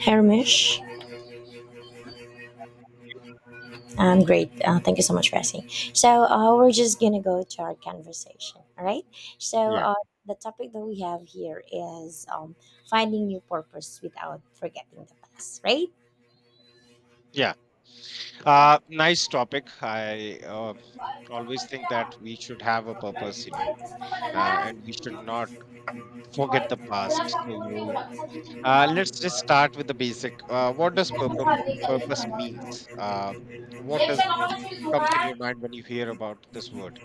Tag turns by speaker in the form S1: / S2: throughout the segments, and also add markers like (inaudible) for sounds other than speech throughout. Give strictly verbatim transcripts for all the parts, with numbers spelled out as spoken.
S1: Hermish, I'm great. Uh, thank you so much for asking. So uh, we're just gonna go to our conversation. All right. So
S2: Yeah,
S1: uh, the topic that we have here is um, finding new purpose without forgetting the past. Right?
S2: yeah. Uh, nice topic. I uh, always think that we should have a purpose, you know, uh, and we should not forget the past. So uh, let's just start with the basic. Uh, what does purpose purpose means? Uh, what does comes in your mind when you hear about this word?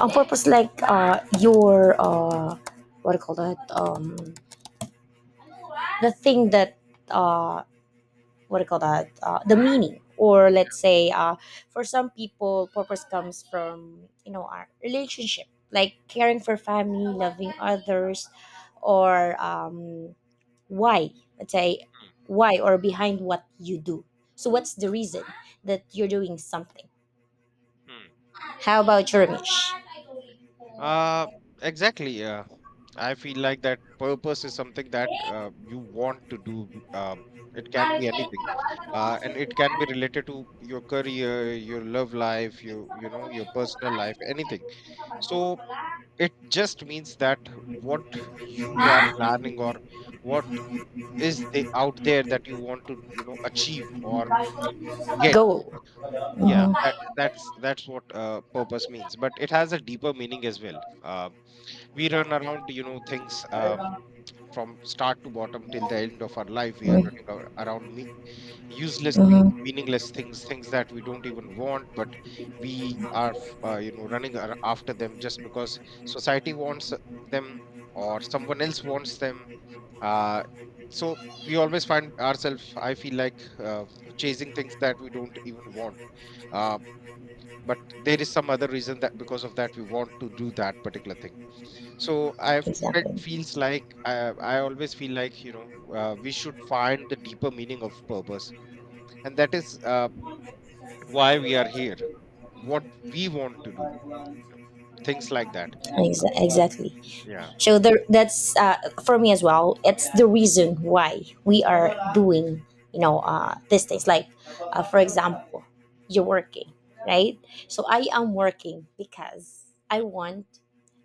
S1: On purpose, like uh, your uh, what do you call that? Um, the thing that uh what do you call that uh, the meaning or let's say uh for some people purpose comes from you know our relationship, like caring for family, loving others, or um why, let's say, why or behind what you do, so what's the reason that you're doing something.
S2: Hmm.
S1: How about your Ramesh?
S2: Uh, exactly. Uh, I feel like that purpose is something that uh, you want to do. Uh, it can be anything, uh, and it can be related to your career, your love life, your you know your personal life, anything. So it just means that what you are planning or what is the out there that you want to you know achieve or get.
S1: Go.
S2: Yeah,
S1: Mhm.
S2: that that's that's what uh, purpose means. But it has a deeper meaning as well. Um we run around you know things, um, from start to bottom till the end of our life we are running ar- around me- useless things,
S1: Mhm.
S2: meaningless things, things that we don't even want. But we are f- uh, you know running ar- after them, just because society wants them or someone else wants them. uh, so we always find ourselves, I feel like, uh, chasing things that we don't even want, um, but there is some other reason that because of that we want to do that particular thing. So I felt
S1: Exactly.
S2: feels like I, I always feel like you know uh, we should find the deeper meaning of purpose, and that is uh, why we are here, what we want to do, you know, things like that.
S1: Exa- exactly.
S2: Yeah,
S1: So there, that's uh, for me as well. It's the reason why we are doing, you know, uh, these things. Like, uh, for example, you're working, right? So I am working because I want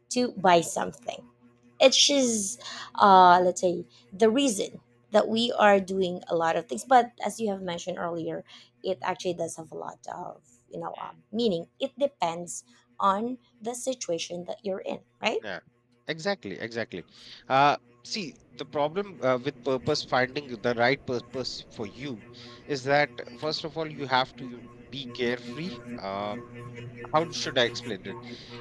S1: to buy something. It's just, uh, let's say, the reason that we are doing a lot of things. But as you have mentioned earlier, it actually does have a lot of, you know,
S2: Mm.
S1: um, meaning. It depends on the situation that you're in, right?
S2: yeah, exactly, exactly. Uh, See, the problem uh, with purpose, finding the right purpose for you, is that first of all you have to be carefree. Um, how should I explain it?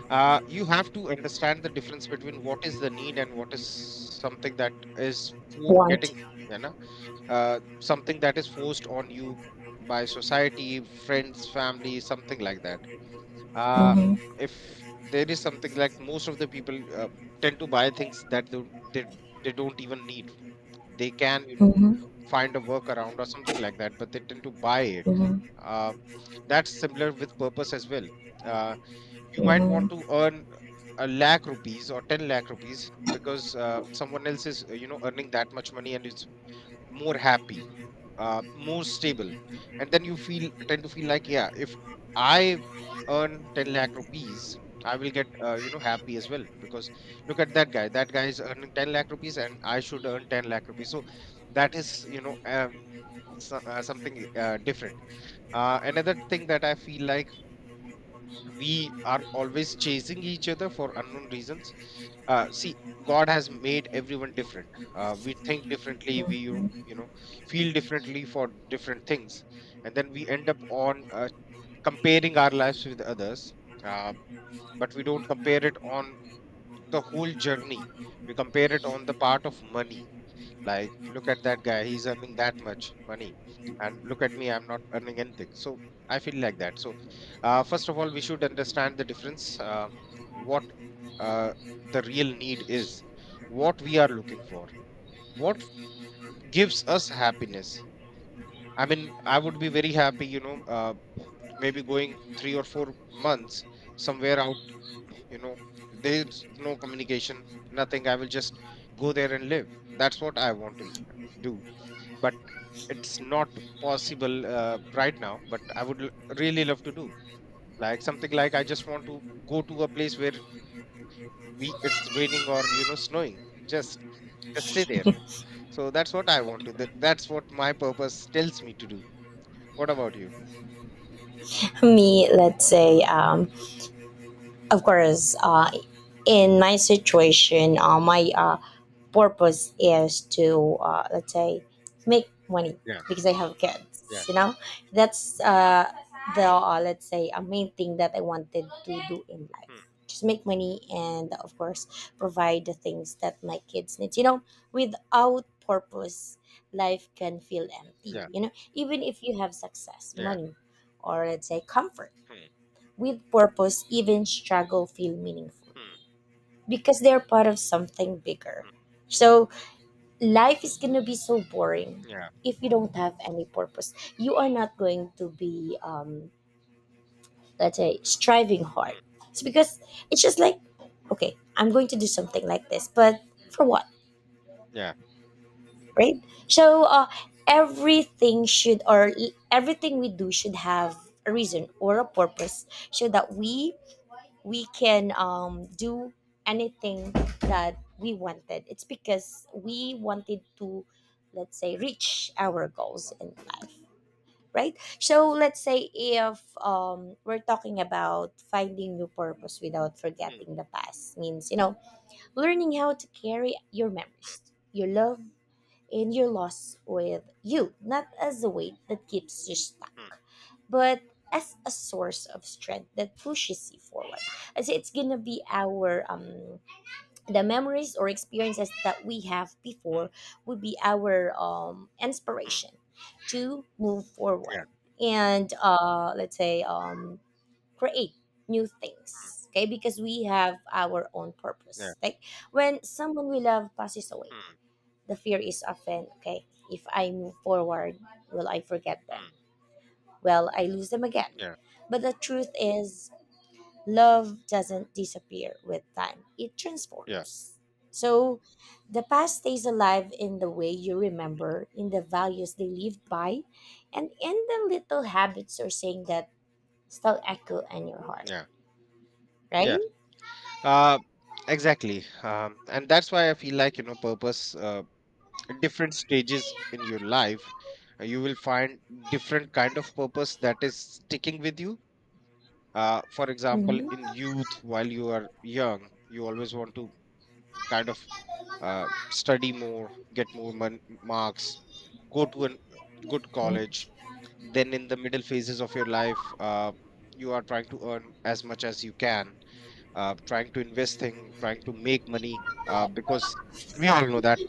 S2: uh, You have to understand the difference between what is the need and what is something that is fo-
S1: Want.
S2: getting you know uh, something that is forced on you by society, friends, family, something like that. uh,
S1: Mhm.
S2: if there is something, like most of the people uh, tend to buy things that don't, they, they don't even need. They can you know
S1: Mhm.
S2: find a workaround or something like that, but they tend to buy it.
S1: Mhm.
S2: um, that's similar with purpose as well. Uh, you might want
S1: Mhm.
S2: to earn a lakh rupees or ten lakh rupees because uh, someone else is uh, you know earning that much money and is more happy, uh, more stable. And then you feel tend to feel like, yeah, if I earn ten lakh rupees I will get uh, you know happy as well, because look at that guy that guy is earning ten lakh rupees and I should earn ten lakh rupees. So that is, you know um, so, uh, something uh, different. Uh, another thing that I feel like, we are always chasing each other for unknown reasons. Uh, see, God has made everyone different. Uh, we think differently. We you you know feel differently for different things, and then we end up on uh, comparing our lives with others. Uh, but we don't compare it on the whole journey. We compare it on the part of money, like, look at that guy, he's earning that much money. And look at me, I'm not earning anything. So I feel like that. So, uh, first of all, we should understand the difference, uh, what uh, the real need is, what we are looking for, what gives us happiness. I mean, I would be very happy, you know, uh, maybe going three or four months somewhere out, you know, there's no communication, nothing. I will just go there and live. That's what I want to do, but it's not possible uh, right now. But I would l- really love to do, like, something like I just want to go to a place where we it's raining or you know snowing, just just stay there. So that's what I want to that, that's what my purpose tells me to do. What about you?
S1: Me, let's say, um, of course, uh, in my situation, uh, my uh, purpose is to, uh, let's say, make money
S2: Yeah,
S1: because I have kids.
S2: yeah,
S1: You know, that's uh, the, uh, let's say, a main thing that I wanted to do in life.
S2: hmm,
S1: Just make money, and of course, provide the things that my kids need. You know, without purpose, life can feel empty.
S2: yeah,
S1: You know, even if you have success,
S2: yeah,
S1: money, or let's say comfort,
S2: hmm,
S1: with purpose, even struggle feel meaningful
S2: hmm,
S1: because they're part of something bigger.
S2: hmm,
S1: So life is going to be so boring
S2: yeah,
S1: if you don't have any purpose. You are not going to be um let's say striving hard.
S2: hmm,
S1: It's because it's just like, okay, I'm going to do something like this, but
S2: hmm,
S1: for what,
S2: yeah,
S1: right? so uh Everything should, or everything we do should have a reason or a purpose, so that we we can um, do anything that we wanted. It's because we wanted to, let's say, reach our goals in life, right? So let's say if um, we're talking about finding new purpose without
S2: hmm,
S1: forgetting the past, means, you know, learning how to carry your memories, your love, in your loss with you, not as a weight that keeps you
S2: hmm,
S1: stuck, but as a source of strength that pushes you forward. And so it's gonna be our um the memories or experiences that we have
S2: hmm,
S1: before would be our um
S2: hmm,
S1: inspiration to move
S2: yeah,
S1: forward, and uh let's say um create new
S2: hmm,
S1: things. Okay, because we have our own
S2: yeah,
S1: purpose. Like, when someone we love passes away,
S2: hmm,
S1: the fear is often, okay, if I move forward, will I forget them?
S2: hmm,
S1: Well, I lose them again.
S2: yeah,
S1: But the truth is, love doesn't disappear with time, it
S2: yeah,
S1: transforms. So the past stays alive in the way you remember, in the values they lived by, and in the little habits or saying that still echo in your heart,
S2: yeah. Yeah.
S1: right?
S2: Uh, exactly. Um, and that's why I feel like, you know, purpose, uh, at different stages in your life, uh, you will find different kind of purpose that is sticking with you. Uh, for example,
S1: Mm-hmm.
S2: in youth, while you are young, you always want to kind of uh, study more, get more mon- marks, go to a good college.
S1: Mm-hmm.
S2: Then in the middle phases of your life, uh, you are trying to earn as much as you can, uh, trying to invest thing, trying to make money, uh, because we all know that,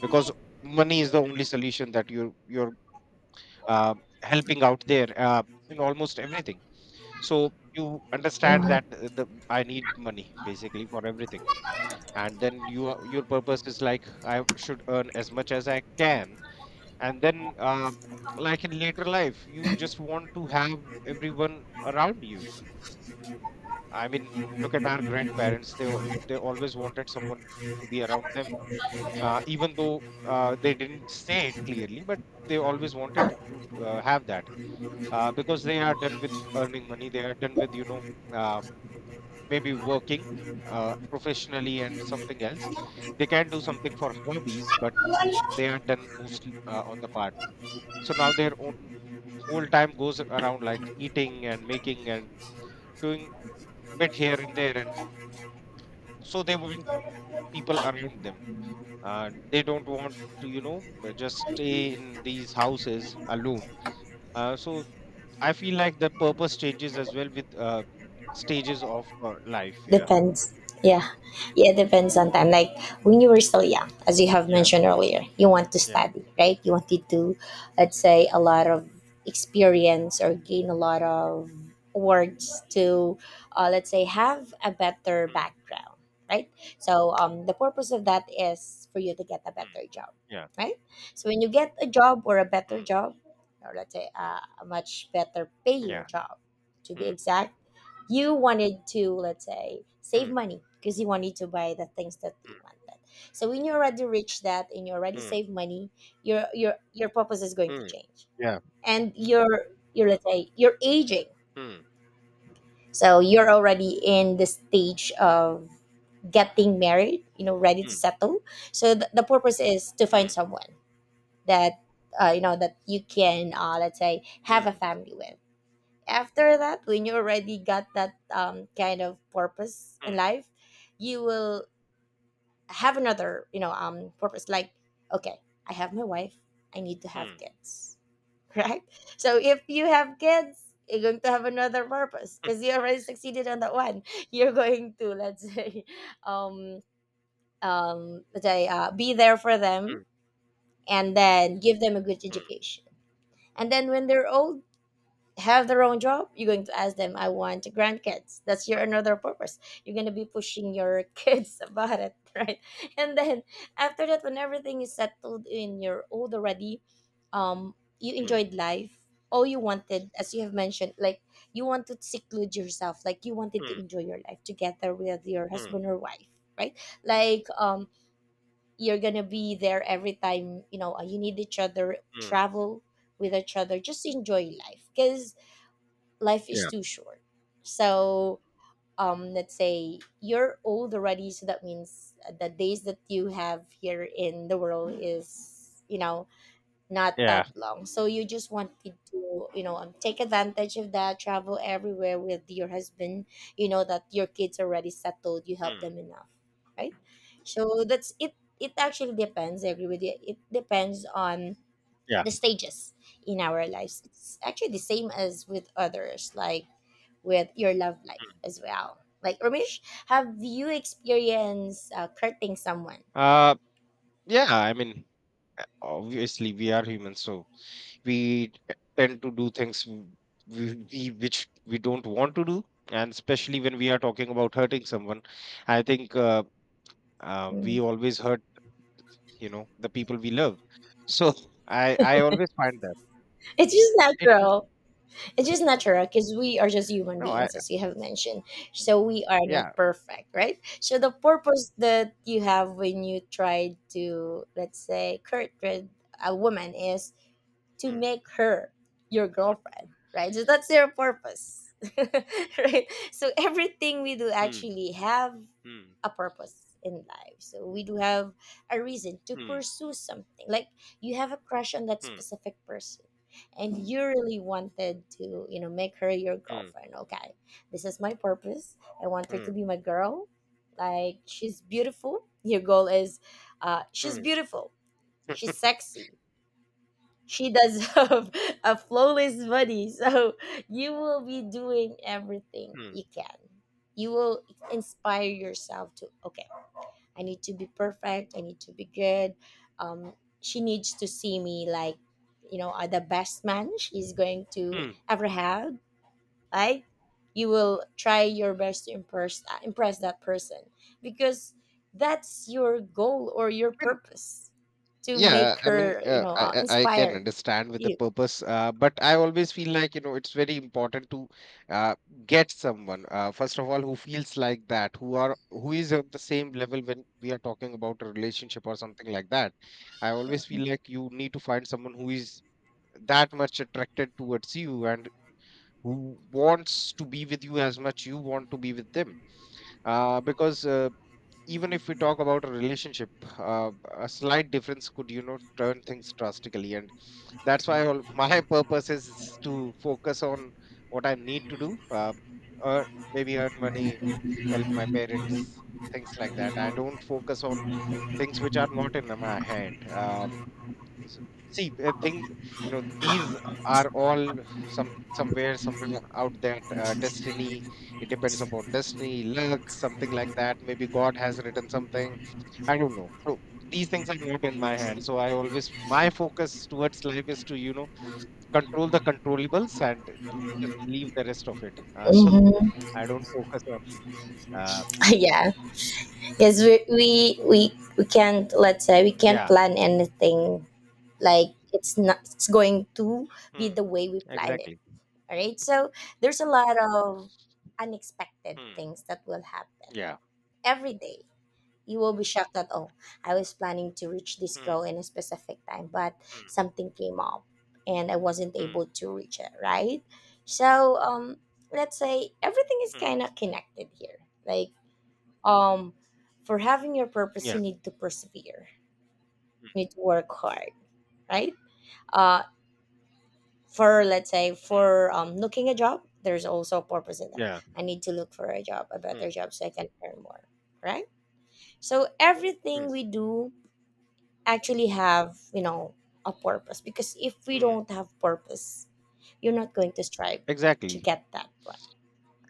S2: because money is the only solution that you you're uh, helping out there uh, in almost everything. So you understand
S1: Mm-hmm.
S2: that the, the, I need money basically for everything, and then you are- your purpose is like I should earn as much as I can. And then uh, like in later life, you just want to have everyone around you. I mean, look at our grandparents. They al- they always wanted someone to be around them, uh, even though uh, they didn't say it clearly, but they always wanted to, to uh, have that, uh, because they are done with earning money. They are done with you know um, maybe working uh, professionally and something else. They can do something for hobbies, but they are done mostly uh, on the part. So now their own whole time goes around like eating and making and doing bit here and there, and so they want people around them. Uh, they don't want to, you know, uh, just stay in these houses alone. Uh, so I feel like the purpose changes as well with uh, stages of uh, life. Yeah,
S1: Depends. Yeah. Yeah, it depends on time. Like, when you were still young, as you have
S2: yeah,
S1: mentioned earlier, you want to
S2: yeah.
S1: study, right? You wanted to, let's say, a lot of experience, or gain a lot of words to, uh, let's say, have a better
S2: Hmm.
S1: background, right? So um, the purpose of that is for you to get a
S2: Hmm.
S1: better job,
S2: Yeah.
S1: right? So when you get a job or a better
S2: Hmm.
S1: job, or let's say uh, a much better paying
S2: Yeah.
S1: job, to
S2: Hmm.
S1: be exact, you wanted to, let's say, save
S2: Hmm.
S1: money because you wanted to buy the things that
S2: Hmm.
S1: you wanted. So when you already reach that and you already
S2: Hmm.
S1: save money, your your your purpose is going to
S2: Hmm.
S1: change,
S2: Yeah.
S1: and you're you're, let's say, you're aging,
S2: Hmm.
S1: so you're already in the stage of getting married, you know, ready to
S2: Hmm.
S1: settle. So th- the purpose is to find
S2: Hmm.
S1: someone that, uh, you know, that you can, uh, let's say, have a
S2: Hmm.
S1: family with. After that, when you already got that um, kind of purpose in
S2: Hmm.
S1: life, you will have another, you know, um purpose, like, okay, I have my wife, I need to have
S2: Hmm.
S1: kids. (laughs) Right? So if you have kids, you're going to have another purpose because you already succeeded on that one. (laughs) You're going to, let's say, (laughs) um um let's say, uh, be there for
S2: Hmm.
S1: them, and then give them a good
S2: Hmm.
S1: education. And then when they're older, have their own job, you're going to ask them, I want grandkids. That's your another purpose. You're going to be pushing your (laughs) kids about it, right? And then after that, when everything is settled, in your old already, um you
S2: Hmm. Hmm.
S1: enjoyed life. All you wanted, as you have mentioned, like, you want to seclude yourself, like you wanted to
S2: Hmm.
S1: enjoy your life together with your
S2: Hmm.
S1: husband or wife, right? Like, um you're gonna be there every time, you know, you need each other,
S2: Hmm,
S1: travel with each other, just enjoy life, because life is
S2: yeah.
S1: too short. So um, let's say you're old already, so that means the days that you have here in the world is, you know, not
S2: Yeah.
S1: that long. So you just wanted to, you know, um, take advantage of that, travel everywhere with your husband. You know that your kids already settled, you help
S2: Hmm.
S1: them enough, right? So that's it. It actually depends. I agree with you. It depends on
S2: Yeah.
S1: the stages in our lives. It's actually the same as with others. Like, with your love life
S2: Hmm.
S1: as well. Like, Ramesh, have you experienced uh, courting someone?
S2: Uh, Yeah, I mean, uh, obviously we are humans, so we t- tend to do things w- we, we which we don't want to do, and especially when we are talking about hurting someone, I think uh, uh,
S1: Mm.
S2: we always hurt, you know, the people we love. (laughs) So I I always find that
S1: It's just
S2: it,
S1: natural. It's just natural because we are just human
S2: no, I,
S1: beings, as you have mentioned. So we are not
S2: yeah.
S1: perfect, right? So the purpose that you have when you try to, let's say, court with a woman is to
S2: Hmm.
S1: make her your girlfriend, right? So that's your purpose, (laughs) right? So everything we do
S2: Hmm.
S1: actually have
S2: Hmm.
S1: a purpose in life. So we do have a reason to
S2: Hmm.
S1: pursue something. Like, you have a crush on that
S2: Hmm.
S1: specific person and you really wanted to, you know, make her your
S2: Hmm.
S1: girlfriend. Okay. This is my purpose. I want her to
S2: Hmm.
S1: be my girl. Like, she's beautiful. Your goal is uh she's
S2: Hmm.
S1: beautiful. She's sexy. She does (laughs) have a flawless body. So you will be doing everything
S2: Hmm.
S1: you can. You will inspire yourself to, okay, I need to be perfect. I need to be good. Um, she needs to see me like, you know, uh, the best man she's going to
S2: Hmm.
S1: ever have. Like, you will try your best to impress uh, impress that person because that's your goal or your
S2: Hmm.
S1: purpose to
S2: Yeah,
S1: make
S2: I mean,
S1: her, you
S2: uh,
S1: know,
S2: I
S1: uh,
S2: I I can
S1: inspired.
S2: understand with the
S1: You.
S2: purpose, uh, but I always feel like you know it's very important to uh, get someone, uh, first of all, who feels like that, who are who is on the same level when we are talking about a relationship or something like that. I always feel like you need to find someone who is that much attracted towards you, and who wants to be with you as much you want to be with them. Uh, because uh, even if we talk about a relationship, uh, a slight difference could you know turn things drastically. And that's why all, (laughs) my purpose is to focus on what I need to do, uh, or maybe earn money, help my parents, things like that. I don't focus on things which are not in my hand. Um s- See, I think you know these are all some somewhere somewhere out there, uh, destiny. It depends upon destiny, luck, something like that. Maybe God has written something, I don't know. So these things are not in my hand, so I always, my focus towards life is to you know control the controllables, and l- just leave the rest of it. Uh, so
S1: Mm-hmm.
S2: I don't focus on uh,
S1: (laughs) Yeah, because we, we we we can't, let's say, we can't
S2: yeah.
S1: plan anything. Like, it's not, it's going to be
S2: Hmm,
S1: the way we plan it.
S2: exactly.
S1: All right. So there's a lot of unexpected
S2: Hmm,
S1: things that will happen
S2: yeah.
S1: every day. You will be shocked that, oh, I was planning to reach this
S2: Hmm,
S1: goal in a specific time, but
S2: hmm,
S1: something came up and I wasn't
S2: hmm,
S1: able to reach it, right? So um let's say everything is kind
S2: hmm,
S1: of connected here. Like, um for having your purpose, you
S2: yeah.
S1: need to persevere, you
S2: Hmm,
S1: need to work hard, right? Uh, for, let's say,
S2: hmm,
S1: for um, looking a job, there's also a purpose in that. I need to look for a job, a
S2: yeah.
S1: better job, so I can earn more, right? So
S2: Hmm.
S1: everything we do actually have, you know, a purpose, because if we
S2: Mm.
S1: don't have purpose, you're not going to strive to
S2: Exactly.
S1: get that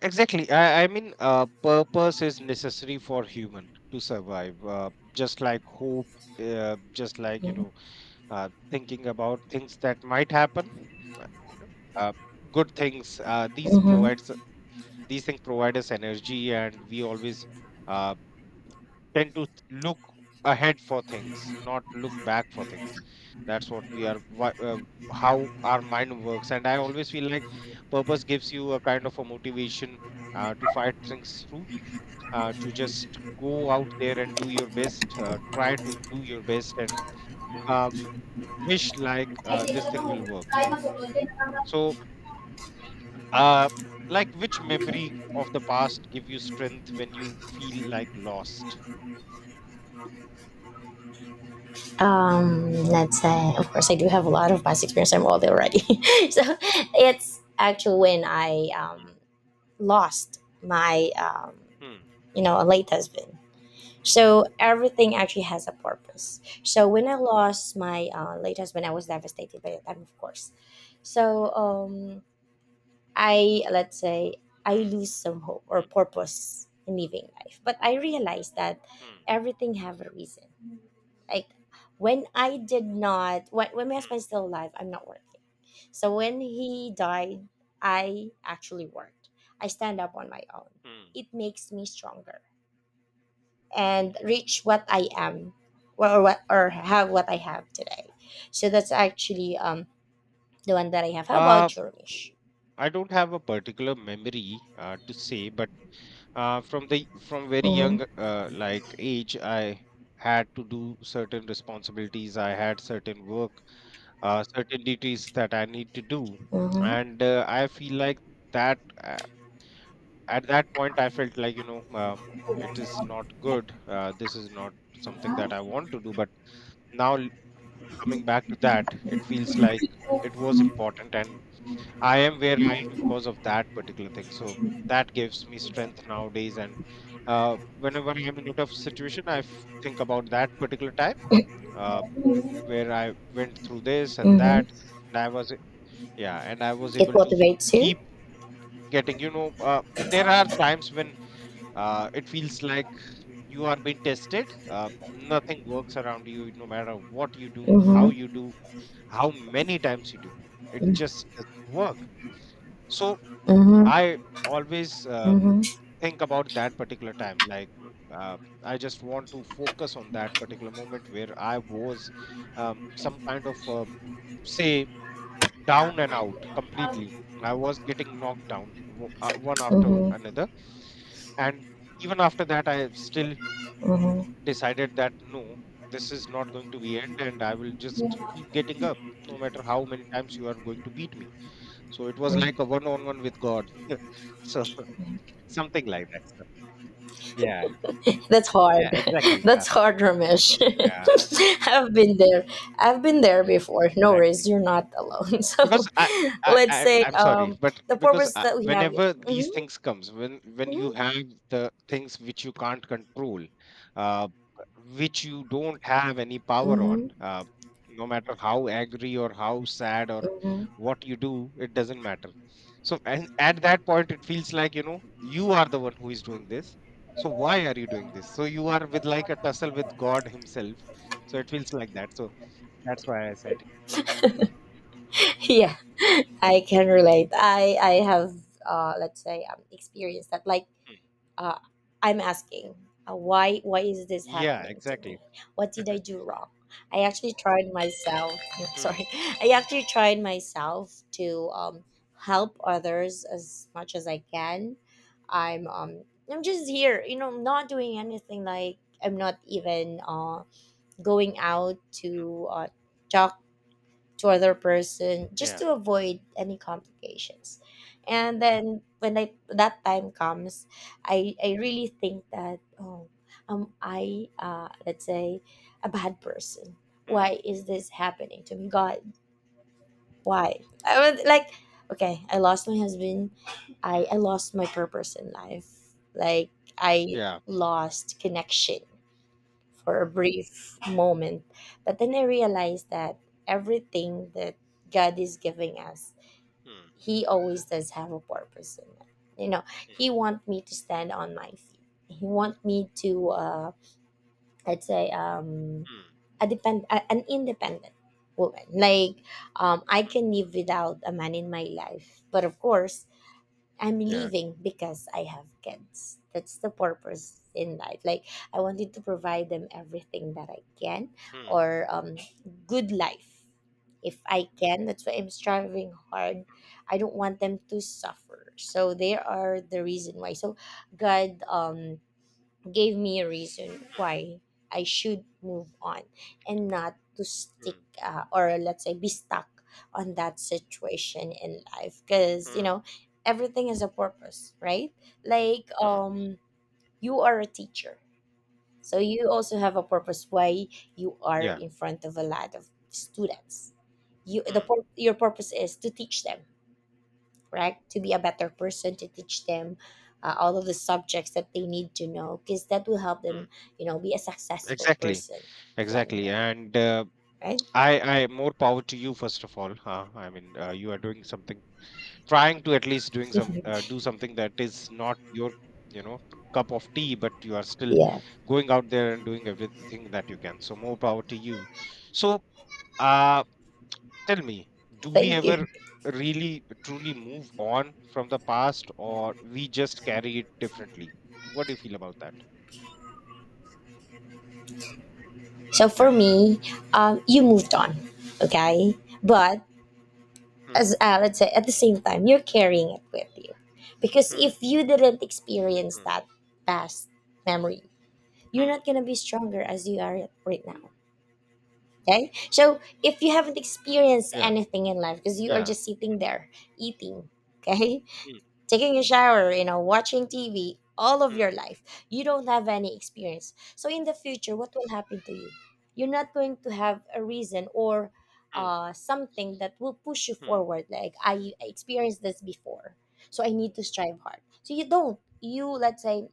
S2: Exactly. I, I mean, uh, purpose is necessary for human to survive. Uh, just like hope, uh, just like, you
S1: one.
S2: know, uh, thinking about things that might happen. uh, You know, uh, good things. Uh, these
S1: Hmm.
S2: provides these things provide us energy, and we always uh, tend to look ahead for things, not look back for things. That's what we are, wha- uh, how our mind works. And I always feel like purpose gives you a kind of a motivation, uh, to fight things through, uh, to just go out there and do your best, uh, try to do your best, and uh, wish like, uh, this thing will work. So, uh, like, which memory of the past give you strength when you feel like lost?
S1: Um let's say, of course, I do have a lot of past experience. I'm old already. (laughs) So it's actually when I,
S2: Hmm,
S1: um, lost my, um,
S2: hmm,
S1: you know, a late husband. So
S2: hmm,
S1: everything actually has a purpose. So when I lost my uh, late husband, I was devastated by the time, of course. So um, I, let's say, I
S2: hmm,
S1: lose some hope or
S2: hmm,
S1: purpose in living life, but I realized that
S2: hmm.
S1: everything have a reason. Like, when I did not, when, when my husband's still alive, I'm not working. So when he died, I actually worked. I stand up on my own.
S2: Hmm.
S1: It makes me stronger and reach what I am, or what, or have what I have today. So that's actually um the one that I have. How
S2: Uh,
S1: about your wish?
S2: I don't have a particular memory uh, to say, but uh, from the from very
S1: Mm-hmm.
S2: young, uh, like, age, I had to do certain responsibilities. I had certain work, uh, certain duties that I need to do.
S1: Mm-hmm.
S2: And uh, I feel like that uh, at that point I felt like you know uh, it is not good. Uh, this is not something that I want to do. But now l- coming back to that, it feels like it was important, and I am where I am because of that particular thing. So that gives me strength nowadays. And uh, whenever I'm in a tough situation, I f- think about that particular time
S1: (coughs)
S2: uh, where I went through this and
S1: Mm-hmm.
S2: that, and I was Yeah, and I was
S1: It
S2: able to
S1: motivates you.
S2: keep getting. You know, uh, there are times when uh, it feels like you are being tested. Uh, nothing works around you, no matter what you do, how
S1: Mm-hmm.
S2: you do, how many times you do. It just doesn't work. So
S1: Mm-hmm.
S2: I always uh,
S1: Mm-hmm.
S2: think about that particular time. Like, uh, I just want to focus on that particular moment where I was um, some kind of, um, say, down and out completely. I was getting knocked down w- uh, one after another. And even after that, I still
S1: Mm-hmm.
S2: decided that no, this is not going to be end and I will just keep getting up no matter how many times you are going to beat me. So it was like a one on one with God. (laughs) so Something like that. So yeah,
S1: That's
S2: yeah,
S1: hard. (laughs)
S2: exactly. Uh,
S1: That's hard, Ramesh.
S2: yeah,
S1: (laughs) I've been there. I've been there before. No worries,
S2: exactly.
S1: you're not alone. (laughs) So
S2: because I, I
S1: let's
S2: i
S1: say
S2: i'm sorry,
S1: um
S2: but
S1: the
S2: because
S1: purpose
S2: I,
S1: that we have.
S2: whenever these
S1: Mm-hmm.
S2: things comes, when when you have the things which you can't control, uh which you don't have any power on,
S1: Mm-hmm.
S2: uh no matter how angry or how sad or
S1: Mm-hmm.
S2: what you do, it doesn't matter. So, and at that point it feels like, you know, you are the one who is doing this. So why are you doing this? So you are with like a tussle with God himself. So it feels like that. So that's why I said.
S1: Yeah, (laughs) I can relate. I i have uh let's say um experienced that. Like,
S2: Hmm.
S1: uh I'm asking, uh, why why is this
S2: Yeah,
S1: happening to me?
S2: exactly.
S1: What did I do wrong? I actually tried myself. (laughs)
S2: Hmm.
S1: Sorry. I actually tried myself to, um help others as much as I can. I'm um i'm just here, you know, not doing anything. Like, I'm not even, uh going out
S2: Mm,
S1: to, uh talk to other person just
S2: yeah.
S1: to avoid any complications. And
S2: Hmm.
S1: then when I, that time comes, i i really think that, oh, am I, uh let's say, a bad person?
S2: Hmm.
S1: Why is this happening to me, god? Why? I was like, okay, I lost my husband. i
S2: Mm.
S1: i lost my purpose in life. Like, I
S2: Yeah.
S1: lost connection for a brief moment. But then I realized that everything that God is giving us,
S2: Hmm.
S1: He always does have a purpose in it. You know,
S2: Hmm.
S1: He want me to stand on my feet. He want me to, uh, let's say, um,
S2: Hmm.
S1: a depend a, an independent woman. Like, um, I
S2: Mm.
S1: can live without a man in my life. But of course, I'm
S2: Yeah.
S1: leaving because I have kids. That's the purpose in life. Like, I wanted to provide them everything that I can,
S2: Hmm.
S1: or um good life, if I can. That's why I'm striving hard.
S2: Hmm.
S1: I don't want them to suffer. So they are the reason why. So God, um gave me a reason why I should move on and not to stick,
S2: Hmm.
S1: uh, or let's say be stuck on that situation in life,
S2: Hmm.
S1: because, you
S2: Mm,
S1: know, everything has a purpose, right? Like,
S2: mm,
S1: um you are a teacher, so you also have a purpose why you are
S2: yeah.
S1: in front of a lot of students. You the
S2: Hmm.
S1: pur- your purpose is to teach them, right? To be a better person, to teach them, uh, all of the subjects that they need to know, because that will help
S2: Hmm.
S1: them, you know, be a successful
S2: Exactly.
S1: person one
S2: Exactly.
S1: day,
S2: And uh,
S1: right?
S2: I, I more power to you, first of all. Huh? I mean, uh, you are doing something, trying to at least doing some, uh,
S1: (laughs)
S2: do something that is not your, you know, cup of tea, but you are still
S1: Yeah,
S2: going out there and doing everything that you can. So more power to you. So. Uh, tell me, do we
S1: thank you.
S2: ever really truly move on from the past, or we just carry it differently? What do you feel about that?
S1: So
S2: Yeah.
S1: for me, um, you moved on, okay? But
S2: Hmm.
S1: as, uh, let's say, at the same time, you're carrying it with you, because if
S2: Hmm.
S1: you didn't experience
S2: Hmm.
S1: that past memory, you're
S2: Hmm.
S1: not gonna be stronger as you are right now. Okay. So if you haven't experienced
S2: Yeah.
S1: anything in life, because you are
S2: Yeah.
S1: just sitting there eating, okay,
S2: Hmm.
S1: taking a shower, you know, watching T V all of your
S2: Hmm.
S1: life, you don't have any experience. So in the future, what will happen to you? You're not going to have a reason or,
S2: Hmm.
S1: uh, something that will push you
S2: Hmm.
S1: forward. Like, I experienced this before, so I need to strive hard. So you don't. You, let's say,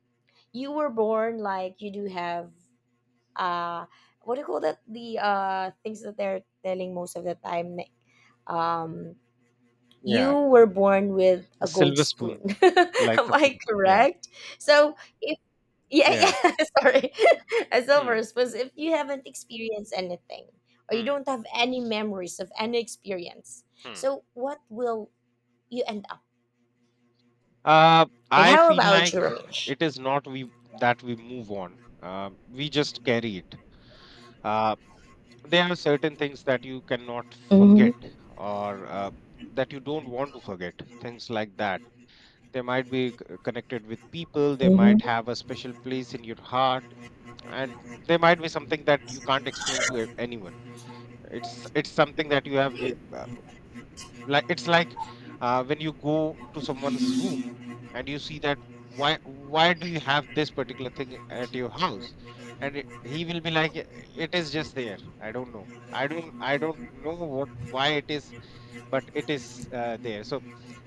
S1: you were born, like, you do have, uh what do you call that, the, uh things that they're telling most of the time, like, um
S2: Yeah,
S1: you were born with
S2: a
S1: a gold
S2: silver spoon,
S1: spoon. (laughs)
S2: like
S1: Am I
S2: something, yeah,
S1: correct? So if, yeah,
S2: yeah.
S1: yeah, (laughs) sorry. (laughs) A
S2: Hmm.
S1: silver spoon. So if you haven't experienced anything, or you
S2: Hmm.
S1: don't have any memories of any experience,
S2: Hmm.
S1: so what will you end up?
S2: uh
S1: Like,
S2: I
S1: how
S2: feel
S1: about you,
S2: like
S1: Ramesh?
S2: it is not we that we move on. Um, we just carry it. Uh, there are certain things that you cannot
S1: Mm-hmm.
S2: forget, or uh, that you don't want to forget. Things like that, they might be c- connected with people, they
S1: Mm-hmm.
S2: might have a special place in your heart, and they might be something that you can't explain to a- anyone. it's it's something that you have. Like, it's like, uh, when you go to someone's room, and you see that, why why do you have this particular thing at your house? And it- he will be like, "Eh, it is just there, I don't know, i don't I don't know what why it is, but it is uh, there." So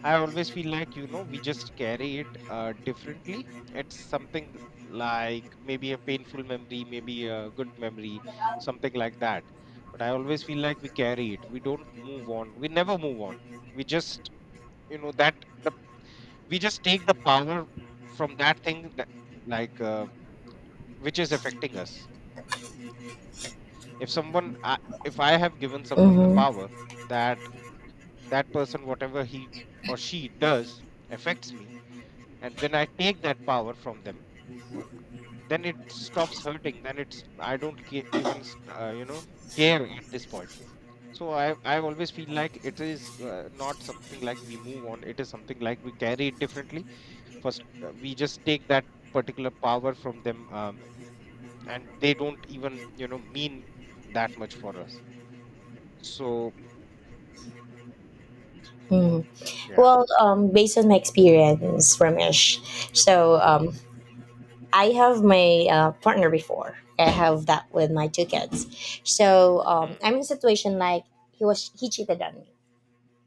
S2: I always feel like, you know, we just carry it uh, differently. It's something like maybe a painful memory, maybe a good memory, something like that. But I always feel like we carry it, we don't move on, we never move on. We just, you know, that, the we just take the power from that thing that, like, uh, which is affecting us. if someone I, if I have given someone the
S1: Mm-hmm.
S2: power that that person, whatever he or she does, affects me, and when I take that power from them, then it stops hurting, then it's, I don't ca- even s- uh, you know, care at this point. So i i always feel like it is uh, not something like we move on, it is something like we carry it differently. First uh, we just take that particular power from them, um, and they don't even, you know, mean that much for us. So yeah.
S1: Well, um, based on my experience, Ramesh, so, um, I have my, uh, partner before. I have that with my two kids. So, um,
S2: Hmm,
S1: I'm in a situation like, he was he cheated on me,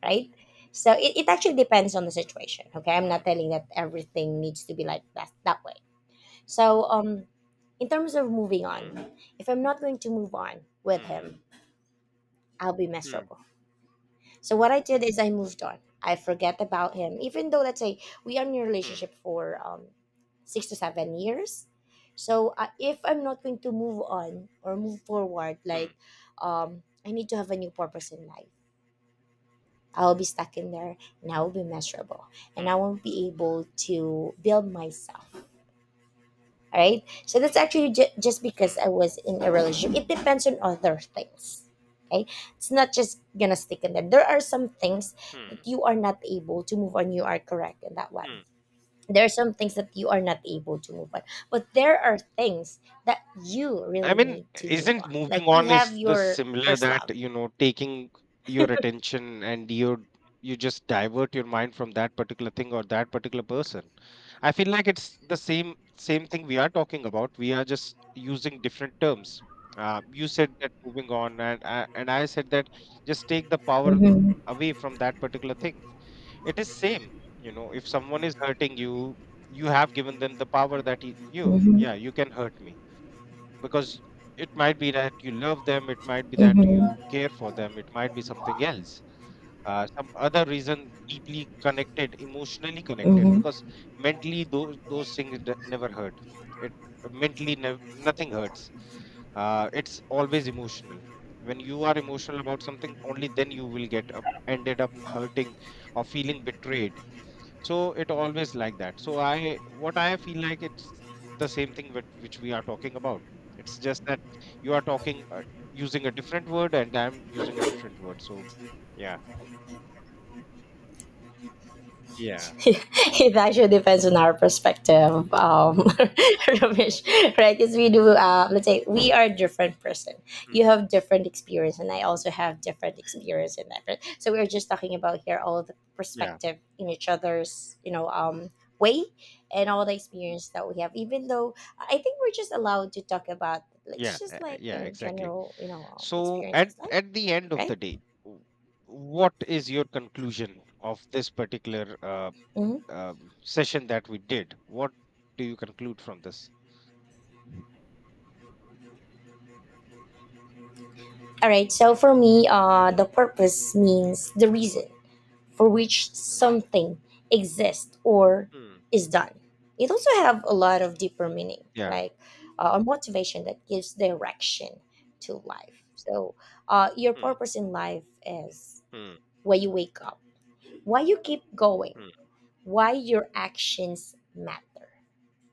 S1: right? So it, it actually depends on the situation. Okay, I'm
S2: hmm,
S1: not telling that everything needs to be like that that way. So, um, in terms of moving
S2: hmm,
S1: on, if I'm not going to move on with
S2: hmm,
S1: him, I'll be
S2: hmm,
S1: miserable. So what I did is I moved on. I forget about him, even though, let's say, we are in a
S2: hmm,
S1: relationship for, um, six to seven years. So, uh, if I'm not going to move on or move forward,
S2: hmm,
S1: like, um, I need to have a new purpose in life. I will be stuck in there, and I will be miserable, and I
S2: hmm.
S1: won't be able to build myself. All right. So that's actually ju- just because
S2: Hmm,
S1: I was in a relationship. It depends on other things. Okay. It's not just gonna stick in there. There are some things
S2: hmm,
S1: that you are not able to move on. You are correct in that
S2: hmm.
S1: one. There are some things that you are not able to move on. But there are things that you
S2: I
S1: really
S2: mean,
S1: need to move
S2: isn't
S1: on.
S2: moving
S1: Like, you
S2: on
S1: have
S2: is the
S1: your
S2: similar
S1: first
S2: that,
S1: love.
S2: you know, taking your attention and you you just divert your mind from that particular thing or that particular person. I feel like it's the same same thing we are talking about. We are just using different terms. Uh, you said that moving on, and I and I said that just take the power
S1: Mm-hmm.
S2: away from that particular thing. It is same, you know, if someone is hurting you, you have given them the power that y- you,
S1: Mm-hmm.
S2: yeah, you can hurt me because it might be that you love them, it might be that
S1: Mm-hmm.
S2: you care for them, it might be something else, uh, some other reason deeply connected, emotionally connected, because mentally those those things d- never hurt. It, mentally, nev- nothing hurts. Uh, it's always emotional. When you are emotional about something, only then you will get up ended up hurting or feeling betrayed. So it always like that. So I, what I feel like it's the same thing with which we are talking about. It's just that you are talking uh, using a different word, and I'm using a different word. So yeah, yeah.
S1: Yeah, (laughs) it actually depends on our perspective, um, (laughs) Ramesh, right? Because we do, uh, let's say, we are a different person.
S2: Mm,
S1: You
S2: mm,
S1: have different experience, and I also have different experience in that, right? So we're just talking about here all the
S2: yeah,
S1: perspective in each other's, you know, um, way, and all the experience that we have. Even though I think we're just allowed to talk about,
S2: yeah,
S1: let's
S2: uh,
S1: just, like, you
S2: yeah,
S1: know,
S2: exactly.
S1: general, you know, um,
S2: So at
S1: experiences, like,
S2: at the end of
S1: right.
S2: the day, w- what is your conclusion of this particular uh,
S1: Mhm.
S2: um session that we did? What do you conclude from this? Mm,
S1: All right. So for me, uh, the purpose means the reason for which
S2: mm,
S1: something exists or
S2: mm.
S1: is done. It also have a lot of deeper meaning,
S2: Yeah.
S1: like, uh, a motivation that gives direction to life. So, uh, your
S2: Mm,
S1: purpose in life is why you wake up, why you keep going,
S2: mm,
S1: why your actions matter.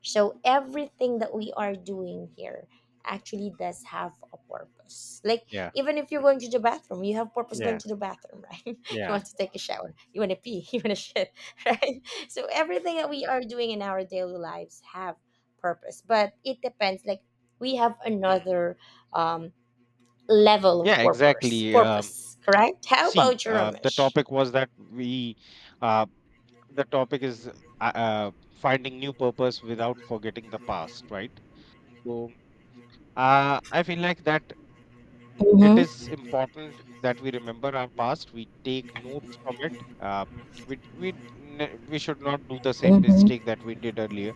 S1: So everything that we are doing here actually does have a purpose. Like,
S2: yeah.
S1: even if you're
S2: Mm.
S1: going to the bathroom, you have purpose going
S2: Yeah,
S1: to the bathroom, right? (laughs) You
S2: yeah.
S1: want to take a shower, you want to pee, (laughs) you want to shit, (laughs) right? So everything that we are doing in our daily lives have purpose, but it depends. Like, we have
S2: Mm.
S1: another, um, level of
S2: Yeah,
S1: purpose.
S2: exactly. Um,
S1: Purpose, correct? How
S2: see,
S1: about your
S2: uh, the
S1: Ramesh?
S2: topic was that we, uh, the topic is uh, uh, finding new purpose without forgetting the past, right? So uh, I feel like that it is
S1: Mm-hmm.
S2: important that we remember our past. We take notes from it. Uh, we we ne- we should not do the same
S1: Mm-hmm.
S2: mistake that we did earlier.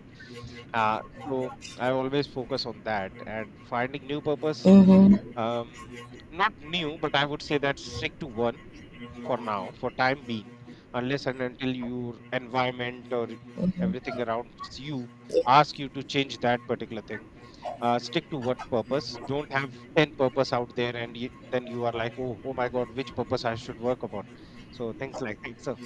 S2: Uh, so I always focus on that and finding new purpose.
S1: Mm-hmm.
S2: Um, not new, but I would say that stick to one for now, for time being, unless and until your environment or
S1: Mm-hmm.
S2: everything around you
S1: Yeah.
S2: ask you to change that particular thing. Uh, stick to one purpose, don't have ten purpose out there and you, then you are like, oh, oh my god, which purpose I should work upon? So things like that. So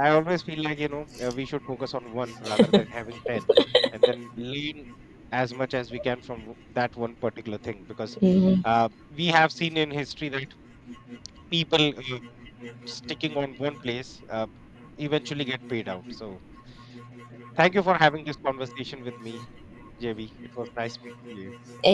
S2: I always feel like, you know, uh, we should focus on one rather than having ten, and then learn as much as we can from w- that one particular thing, because
S1: Mm-hmm.
S2: uh, we have seen in history that people uh, sticking on one place uh, eventually get paid out. So thank you for having this conversation with me, JB. It was nice speaking to you.